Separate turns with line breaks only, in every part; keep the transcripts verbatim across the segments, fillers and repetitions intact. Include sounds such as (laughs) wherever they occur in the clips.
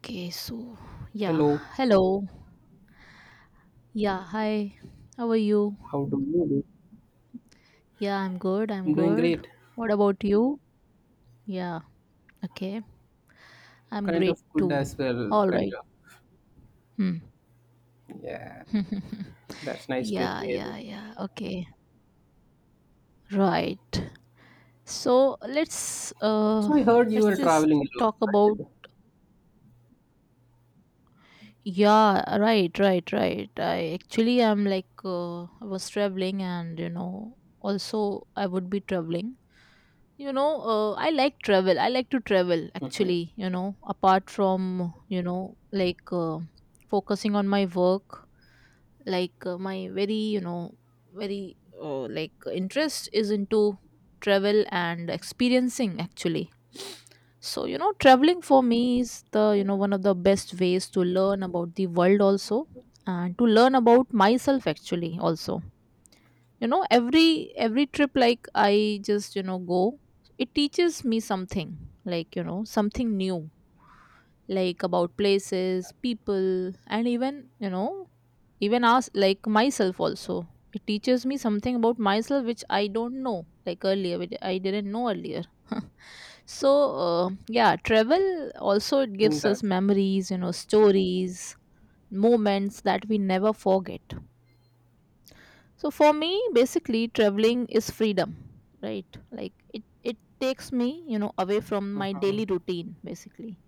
Okay, so yeah,
Hello,
hello. Yeah, hi. How are you?
how do you do?
Yeah, I'm good. I'm
I'm doing
good.
great.
What about you? Yeah, okay. I'm
Kind
great
of good
too.
as well,
All
kind
right.
of.
Hmm.
Yeah,
(laughs)
that's nice to
Yeah,
hear.
yeah, yeah. Okay. Right. So, let's uh
So I heard you
let's
were
just
traveling a
talk
lot,
about
right?
Yeah, right, right, right. I actually am like uh, I was traveling, and you know, also I would be traveling. you know uh, I like travel i like to travel, actually you know apart from you know like uh, focusing on my work. Like uh, my very you know very uh, like, interest is into travel and experiencing, actually. So, you know traveling for me is the, you know one of the best ways to learn about the world also, and to learn about myself, actually, also. you know every every trip, like i just you know go, it teaches me something, like you know something new, like about places, people, and even you know even us like myself also. It teaches me something about myself which i don't know like earlier which I didn't know earlier. (laughs) So, uh, yeah, travel, also it
Mm,
gives us
that.
memories, you know stories, moments that we never forget. So for me, basically, traveling is freedom, right? Like it, it takes me, you know, away from my daily
uh
routine, basically.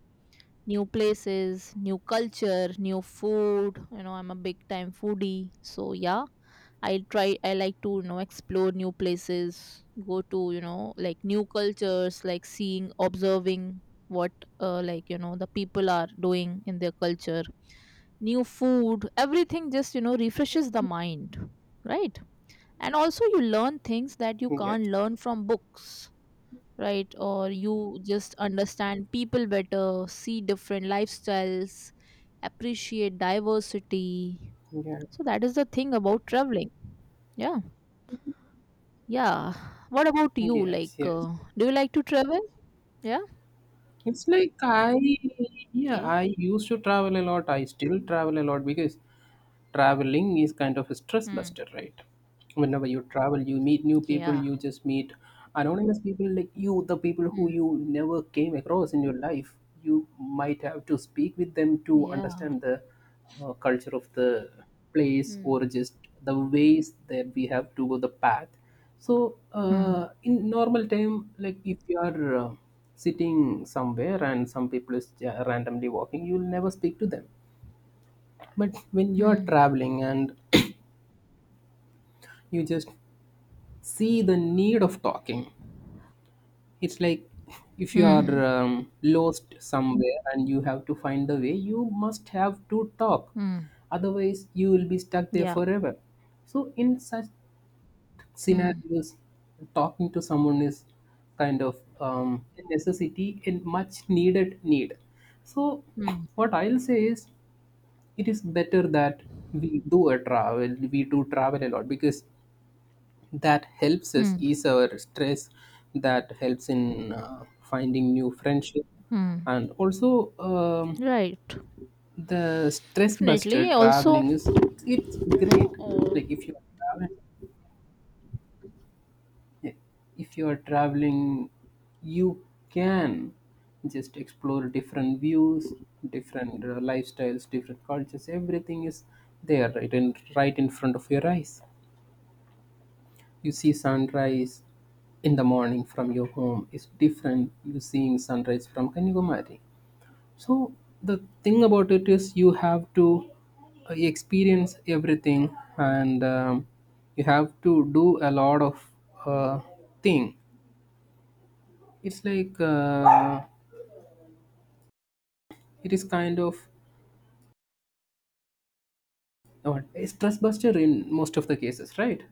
New places, new culture, new food. You know, I'm a big time foodie. So yeah, I try, I like to, you know, explore new places, go to, you know, like, new cultures, like seeing, observing what, uh, like, you know, the people are doing in their culture, new food, everything just, you know, refreshes the mind, right? And also, you learn things that you
Yes.
can't learn from books, right? Or you just understand people better, see different lifestyles, appreciate diversity.
Yeah.
So that is the thing about traveling. Yeah. Yeah. What about you, like
Yes. Yes.
uh, do you like to travel? Yeah.
It's like I. Yeah,
Okay.
I used to travel a lot. I still travel a lot, because traveling is kind of a stress
Hmm.
buster, right? Whenever you travel, you meet new people.
Yeah.
You just meet anonymous people, like you, the people who
Hmm.
you never came across in your life. You might have to speak with them to
Yeah.
understand the uh, culture of the place,
Hmm.
or just the ways that we have to go, the path. So
Hmm.
uh, in normal time, like if you are uh, sitting somewhere and some people is uh, randomly walking, you'll never speak to them. But when you are
Hmm.
traveling and you just see the need of talking, it's like if you are
Hmm.
um, lost somewhere and you have to find the way, you must have to talk,
Hmm.
otherwise you will be stuck there
Yeah.
forever. So in such
Hmm.
scenarios, talking to someone is kind of um, a necessity and much needed need. So
Hmm.
what I'll say is it is better that we do a travel we do travel a lot, because that helps us
Hmm.
ease our stress. That helps in uh, finding new friendship,
Hmm.
and also um,
Right.
the stress buster,
Definitely. Also,
traveling is it's, it's great. Like
嗯，
if you are traveling, yeah, if you are traveling, you can just explore different views, different uh, lifestyles, different cultures. Everything is there, right in right in front of your eyes. You see sunrise in the morning from your home is different, you seeing sunrise from Kanyakumari. So the thing about it is, you have to uh, experience everything, and um, you have to do a lot of uh, thing. It's like uh, it is kind of uh, a stress buster in most of the cases, right?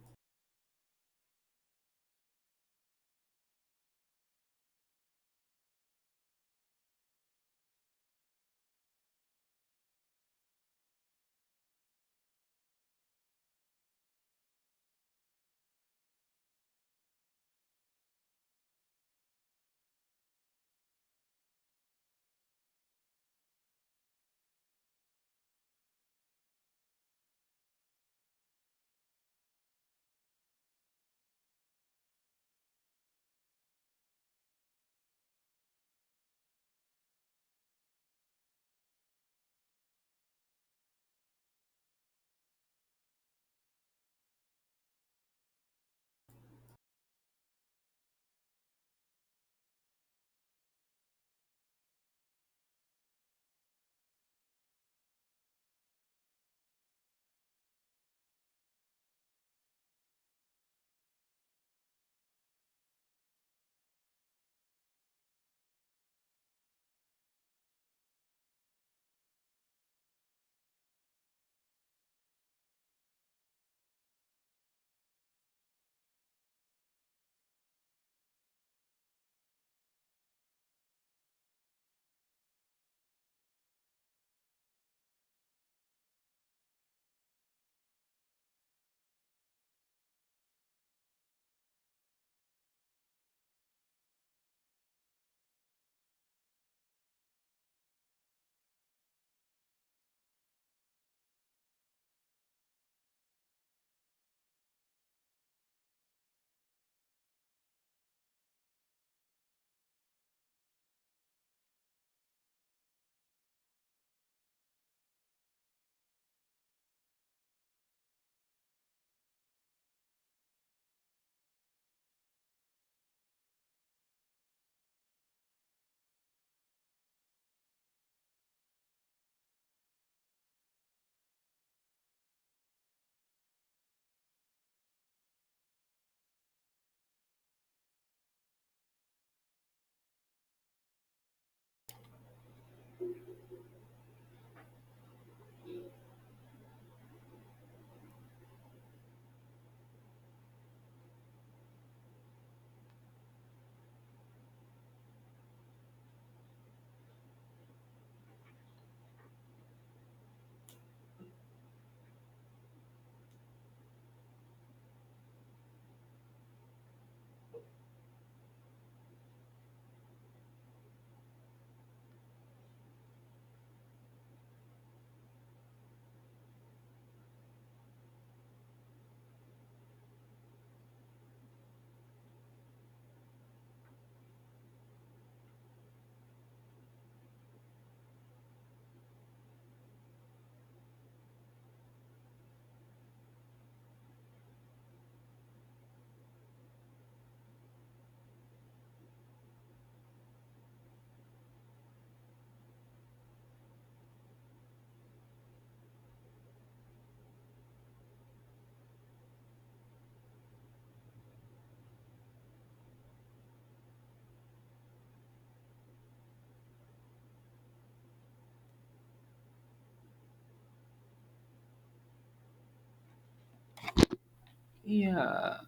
Yeah,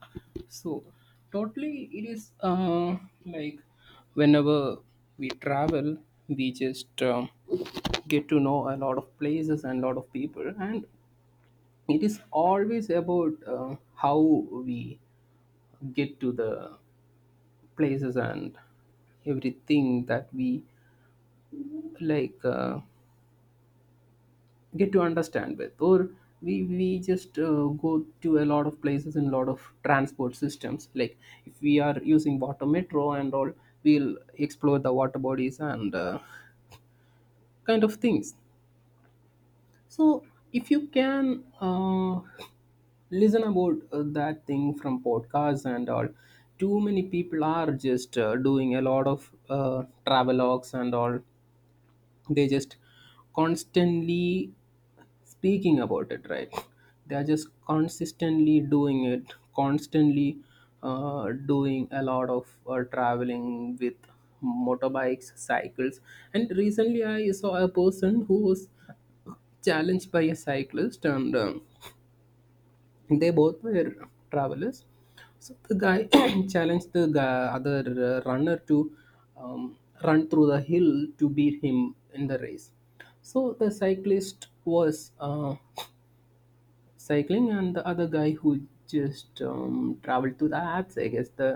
so totally it is uh, like whenever we travel, we just um, get to know a lot of places and lot of people, and it is always about uh, how we get to the places, and everything that we like. Uh, get to understand with, or we we just uh, go to a lot of places in lot of transport systems, like if we are using water metro and all, we'll explore the water bodies and uh, kind of things. So if you can uh, listen about uh, that thing from podcasts and all, too many people are just uh, doing a lot of uh, travelogues and all, they just constantly speaking about it, right? They are just consistently doing it, constantly uh, doing a lot of uh, traveling with motorbikes, cycles. And recently I saw a person who was challenged by a cyclist, and um, they both were travelers. So the guy (coughs) (clears throat) challenged the guy, other uh, runner, to um, run through the hill to beat him in the race. So the cyclist was uh, cycling, and the other guy, who just um, traveled to the apps, I guess. The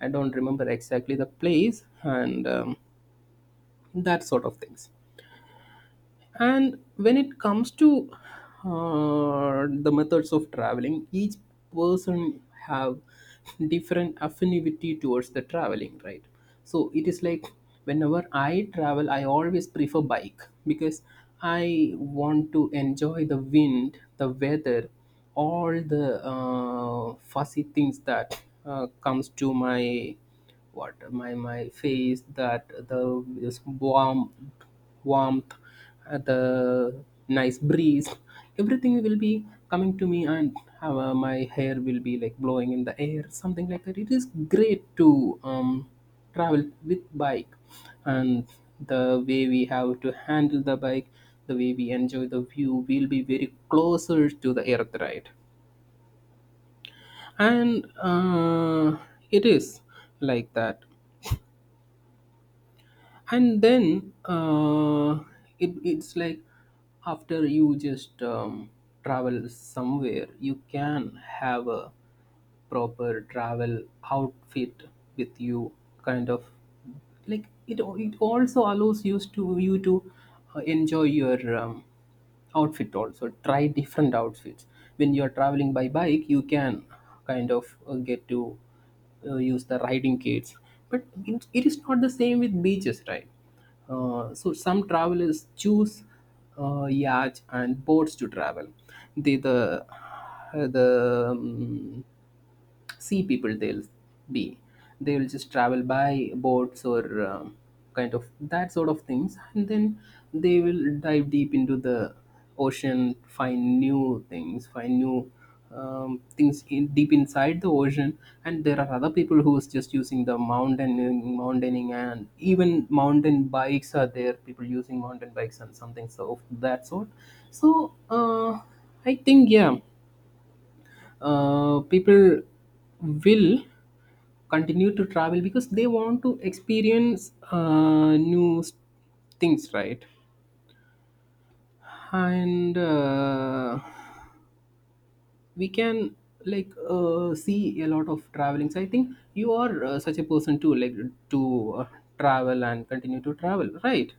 I don't remember exactly the place, and um, that sort of things. And when it comes to uh, the methods of traveling, each person have different affinity towards the traveling, right? So it is like whenever I travel, I always prefer bike, because I want to enjoy the wind, the weather, all the uh, fussy things that uh, comes to my what my my face, that the this warm, warmth, uh, the nice breeze, everything will be coming to me, and have, uh, my hair will be like blowing in the air, something like that. It is great to um, travel with bike. And the way we have to handle the bike, the way we enjoy the view will be very closer to the earth, right? And uh, it is like that. And then uh, it, it's like after you just um, travel somewhere, you can have a proper travel outfit with you, kind of. Like it it also allows you to you to uh, enjoy your um, outfit, also try different outfits. When you are traveling by bike, you can kind of uh, get to uh, use the riding kits. But it, it is not the same with beaches, right? Uh, so some travelers choose uh, yachts and boats to travel. The the uh, the um, sea people, they'll be, they will just travel by boats, or um kind of that sort of things, and then they will dive deep into the ocean, find new things, find new um, things in, deep inside the ocean. And there are other people who's just using the mountain mountaining, and even mountain bikes are there, people using mountain bikes and something so of that sort. So uh, I think, yeah, uh, people will continue to travel because they want to experience uh, new s- things, right? And uh, we can like uh, see a lot of traveling. So I think you are uh, such a person too, like to uh, travel and continue to travel, right?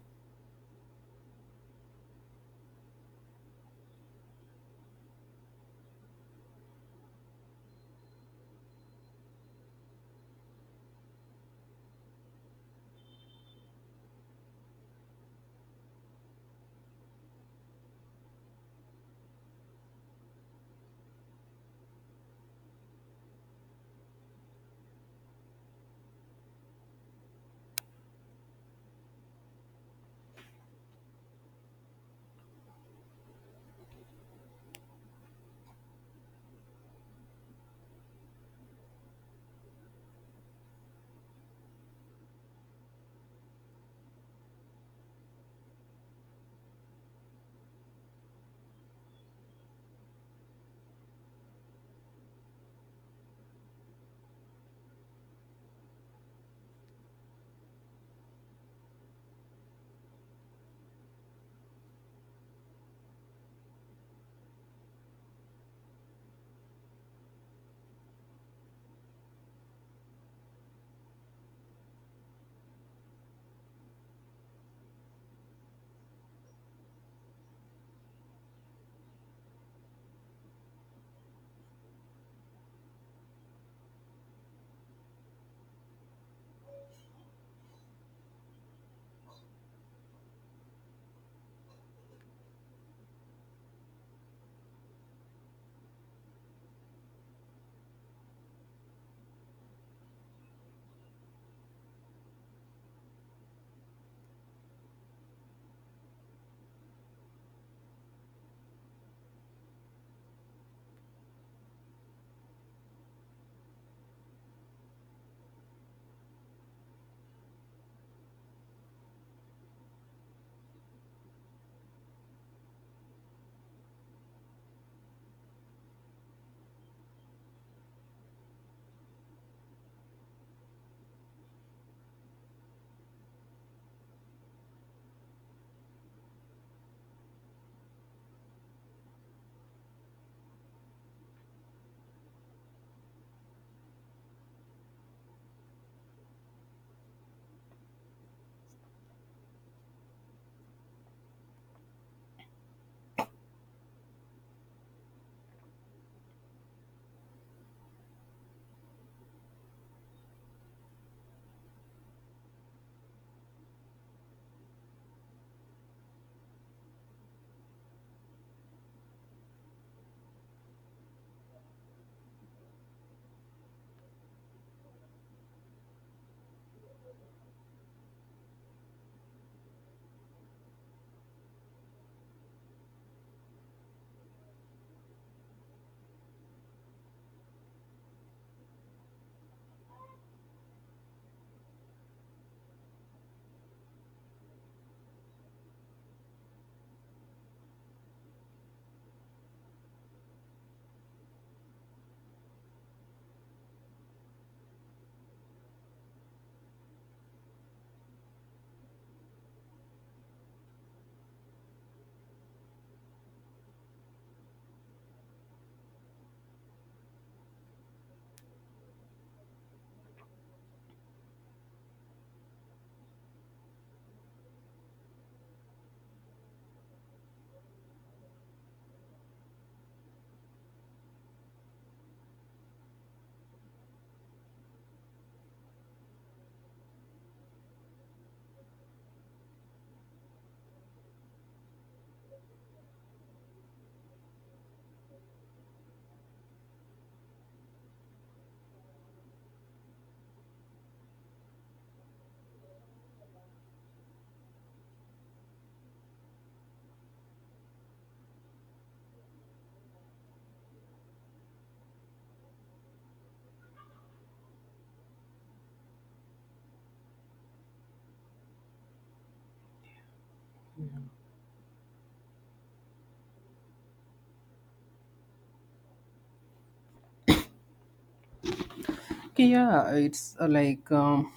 Okay, yeah, it's uh, like um,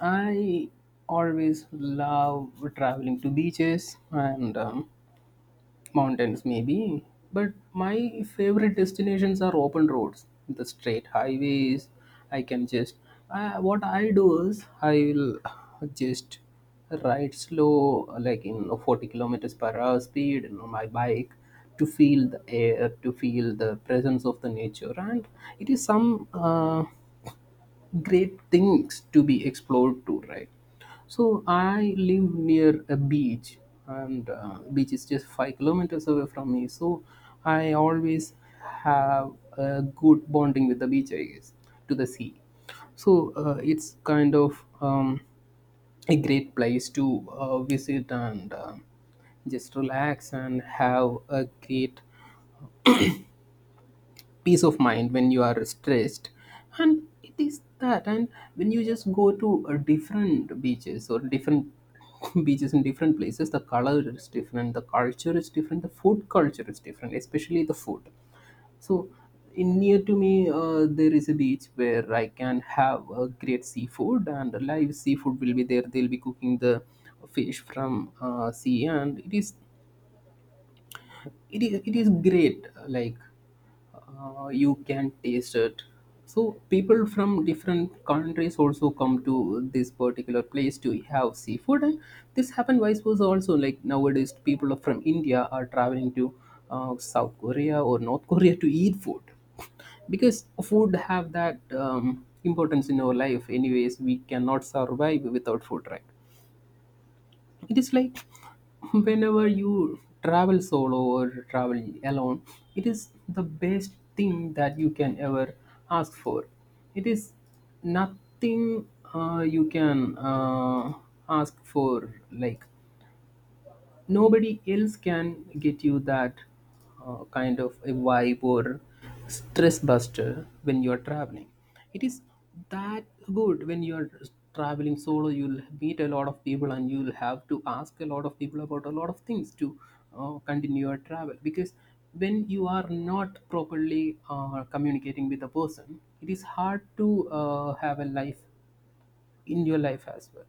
I always love traveling to beaches and um, mountains, maybe. But my favorite destinations are open roads, the straight highways. I can just I, what I do is, I will just ride slow, like in forty kilometers per hour speed, and on my bike, to feel the air, to feel the presence of the nature. And it is some uh, great things to be explored too, right? So I live near a beach, and uh, beach is just five kilometers away from me. So I always have a good bonding with the beach, I guess, to the sea. So uh, it's kind of um, a great place to uh, visit, and uh, just relax and have a great peace of mind when you are stressed. And it is that. And when you just go to uh, different beaches or different (laughs) beaches in different places, the color is different, the culture is different, the food culture is different, especially the food. So in near to me uh, there is a beach where I can have a great seafood, and live seafood will be there, they'll be cooking the fish from uh, sea, and it is it is it is great. Like uh, you can taste it. So people from different countries also come to this particular place to have seafood. And this happened vice versa also, like nowadays people from India are traveling to uh, South Korea or North Korea to eat food, because food have that um, importance in our life. Anyways, we cannot survive without food, right? It is like whenever you travel solo or travel alone, it is the best thing that you can ever ask for. It is nothing uh, you can uh, ask for, like nobody else can get you that uh, kind of a vibe or stress buster when you are traveling. It is that good. When you are traveling solo, you'll meet a lot of people, and you'll have to ask a lot of people about a lot of things, to uh, continue your travel. Because when you are not properly uh, communicating with a person, it is hard to uh, have a life in your life as well.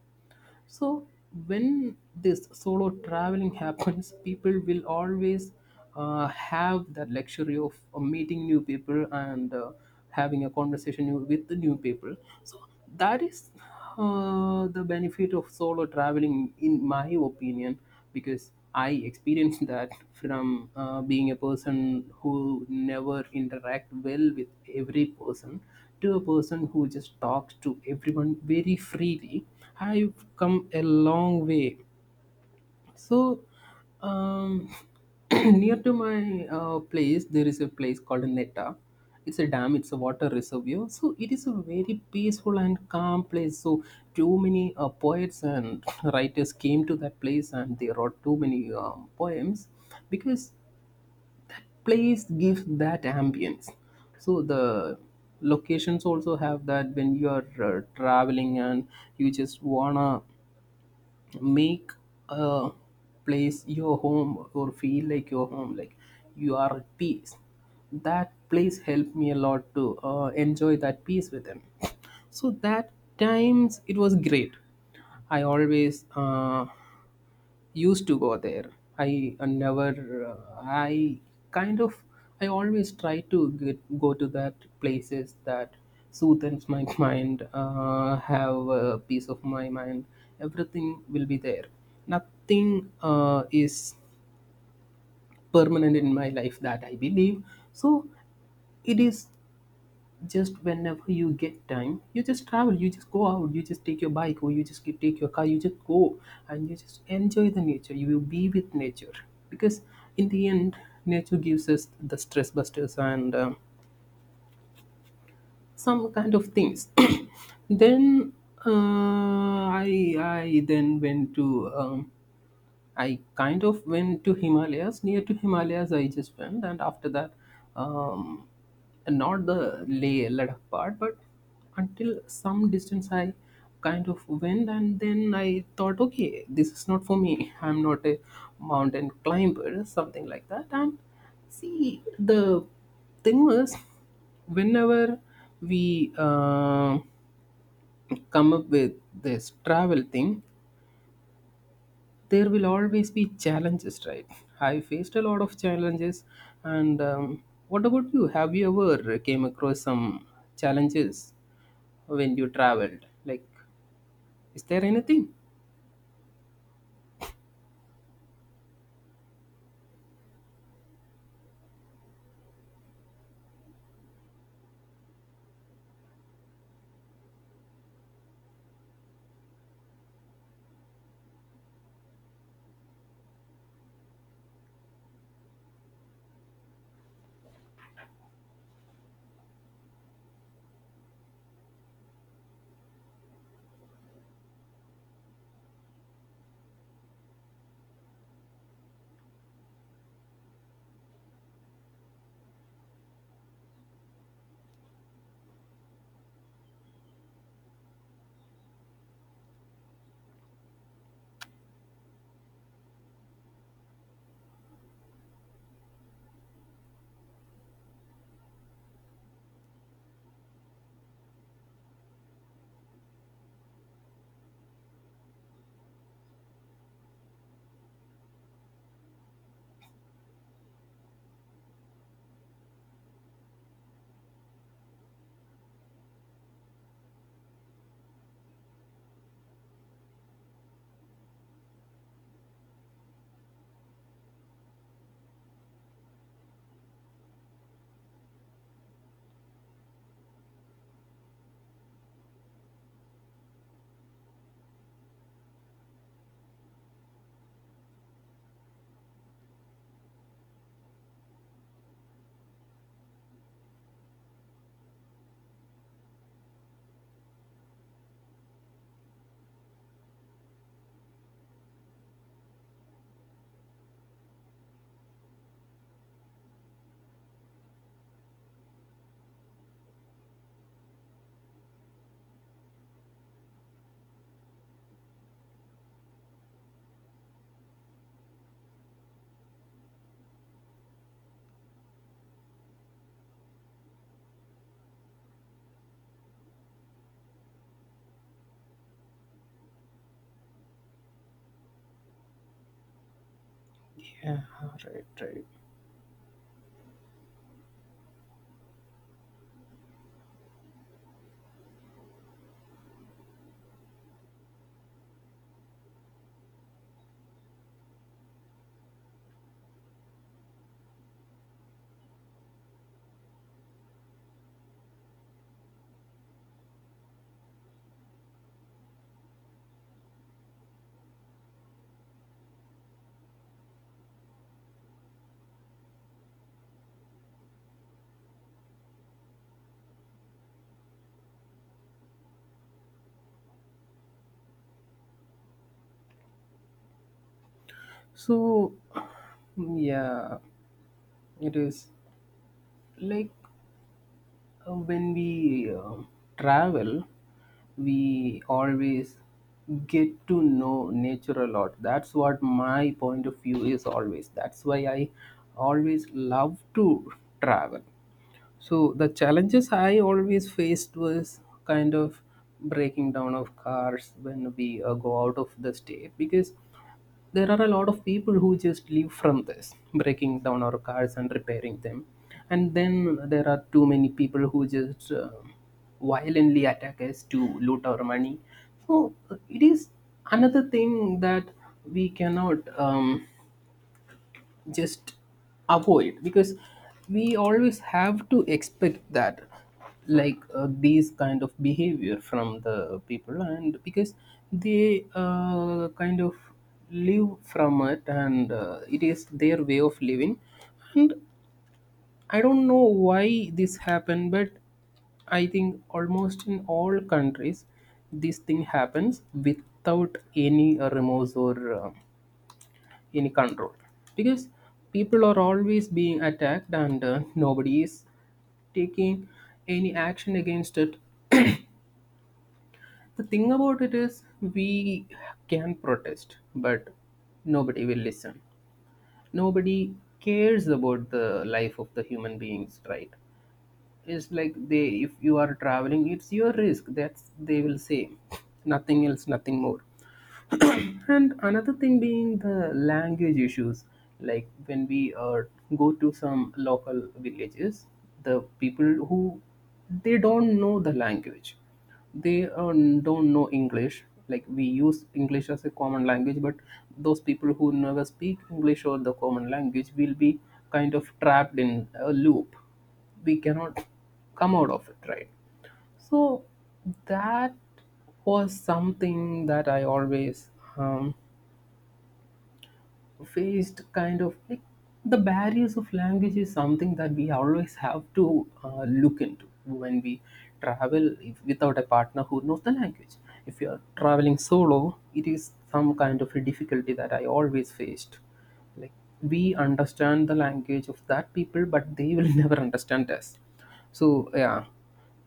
So when this solo traveling (laughs) happens, people will always uh, have that luxury of uh, meeting new people, and uh, having a conversation, new, with the new people. So that is uh, the benefit of solo traveling, in my opinion. Because I experienced (laughs) that, from uh, being a person who never interact well with every person, to a person who just talks to everyone very freely. I've come a long way. So, um, (clears throat) near to my uh, place, there is a place called Netta. It's a dam, it's a water reservoir. So, it is a very peaceful and calm place. So, too many uh, poets and (clears throat) writers came to that place, and they wrote too many um, poems, because place gives that ambience. So, the locations also have that when you are uh, traveling and you just wanna make a place your home or feel like your home, like you are at peace. That place helped me a lot to uh, enjoy that peace with him, so that times it was great. I always uh, used to go there. I uh, never uh, i kind of, I always try to get, go to that places that soothes my (laughs) mind, uh, have a peace of my mind. Everything will be there. Nothing uh, is permanent in my life, that I believe. So it is, just whenever you get time, you just travel, you just go out, you just take your bike or you just keep- take your car, you just go, and you just enjoy the nature, you will be with nature. Because in the end, nature gives us the stress busters and um, some kind of things. (coughs) (clears throat) Then uh, i i then went to um, I kind of went to Himalayas. Near to Himalayas, I just went, and after that, um, not the Leh Ladakh part, but until some distance, I kind of went, and then I thought, okay, this is not for me. (laughs) I'm not a mountain climber, something like that. And see, the thing was, whenever we uh, come up with this travel thing, there will always be challenges, right? (laughs) I faced a lot of challenges. And um, What about you? Have you ever uh, came across some challenges when you traveled, like, is there anything? Yeah. Right, right. So (sighs) yeah, it is like, Uh, when we uh, travel, we always get to know nature a lot. That's what my point of view is always. That's why I always love to travel. So the challenges I always faced was kind of breaking down of cars when we uh, go out of the state, because there are a lot of people who just live from this breaking down our cars and repairing them. And then there are too many people who just uh, violently attack us to loot our money. So uh, it is another thing that we cannot um, just avoid, because we always have to expect that, like, uh, these kind of behavior from the people, and because they uh, kind of live from it, and uh, it is their way of living. And I don't know why this happened, but I think almost in all countries, this thing happens without any uh, remorse or uh, any control. Because people are always being attacked, and uh, nobody is taking any action against it. The thing about it is, we can protest, but nobody will listen. Nobody cares about the life of the human beings, right? It's like, they, if you are traveling, it's your risk, that's they will say. Nothing else, nothing more. And another thing being the language issues, like when we uh, go to some local villages, the people who, they don't know the language, they uh, don't know English. Like, we use English as a common language, but those people who never speak English or the common language will be kind of trapped in a loop. We cannot come out of it, right? So that was something that I always um, faced. Kind of like, the barriers of language is something that we always have to uh, look into when we travel, if, without a partner who knows the language. If you are traveling solo, it is some kind of a difficulty that I always faced, like, we understand the language of that people but they will (laughs) never understand us. So yeah,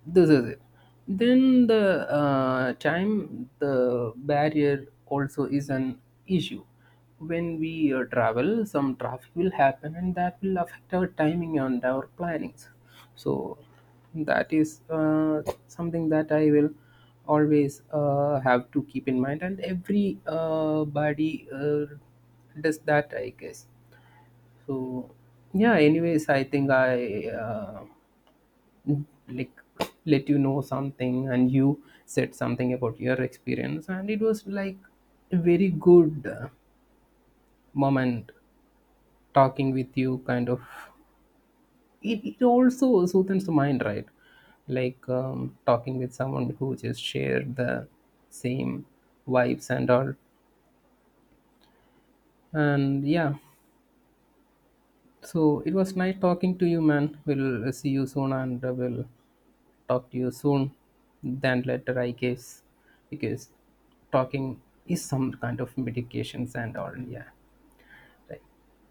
this is it. Then the uh, time, the barrier also is an issue. When we uh, travel, some traffic will happen, and that will affect our timing and our plannings. So that is uh, something that I will always uh, have to keep in mind, and every uh, body uh, does that, I guess. So yeah, anyways, I think I uh, like, let you know something, and you said something about your experience, and it was like a very good uh, moment talking with you, kind of. It, it also soothes the mind, right? Like, um, talking with someone who just shared the same vibes and all. And yeah, so it was nice talking to you, man. We'll see you soon, and uh, we'll talk to you soon than later, I guess, because talking is some kind of medications and all. Yeah, right.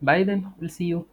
Bye then. We'll see you.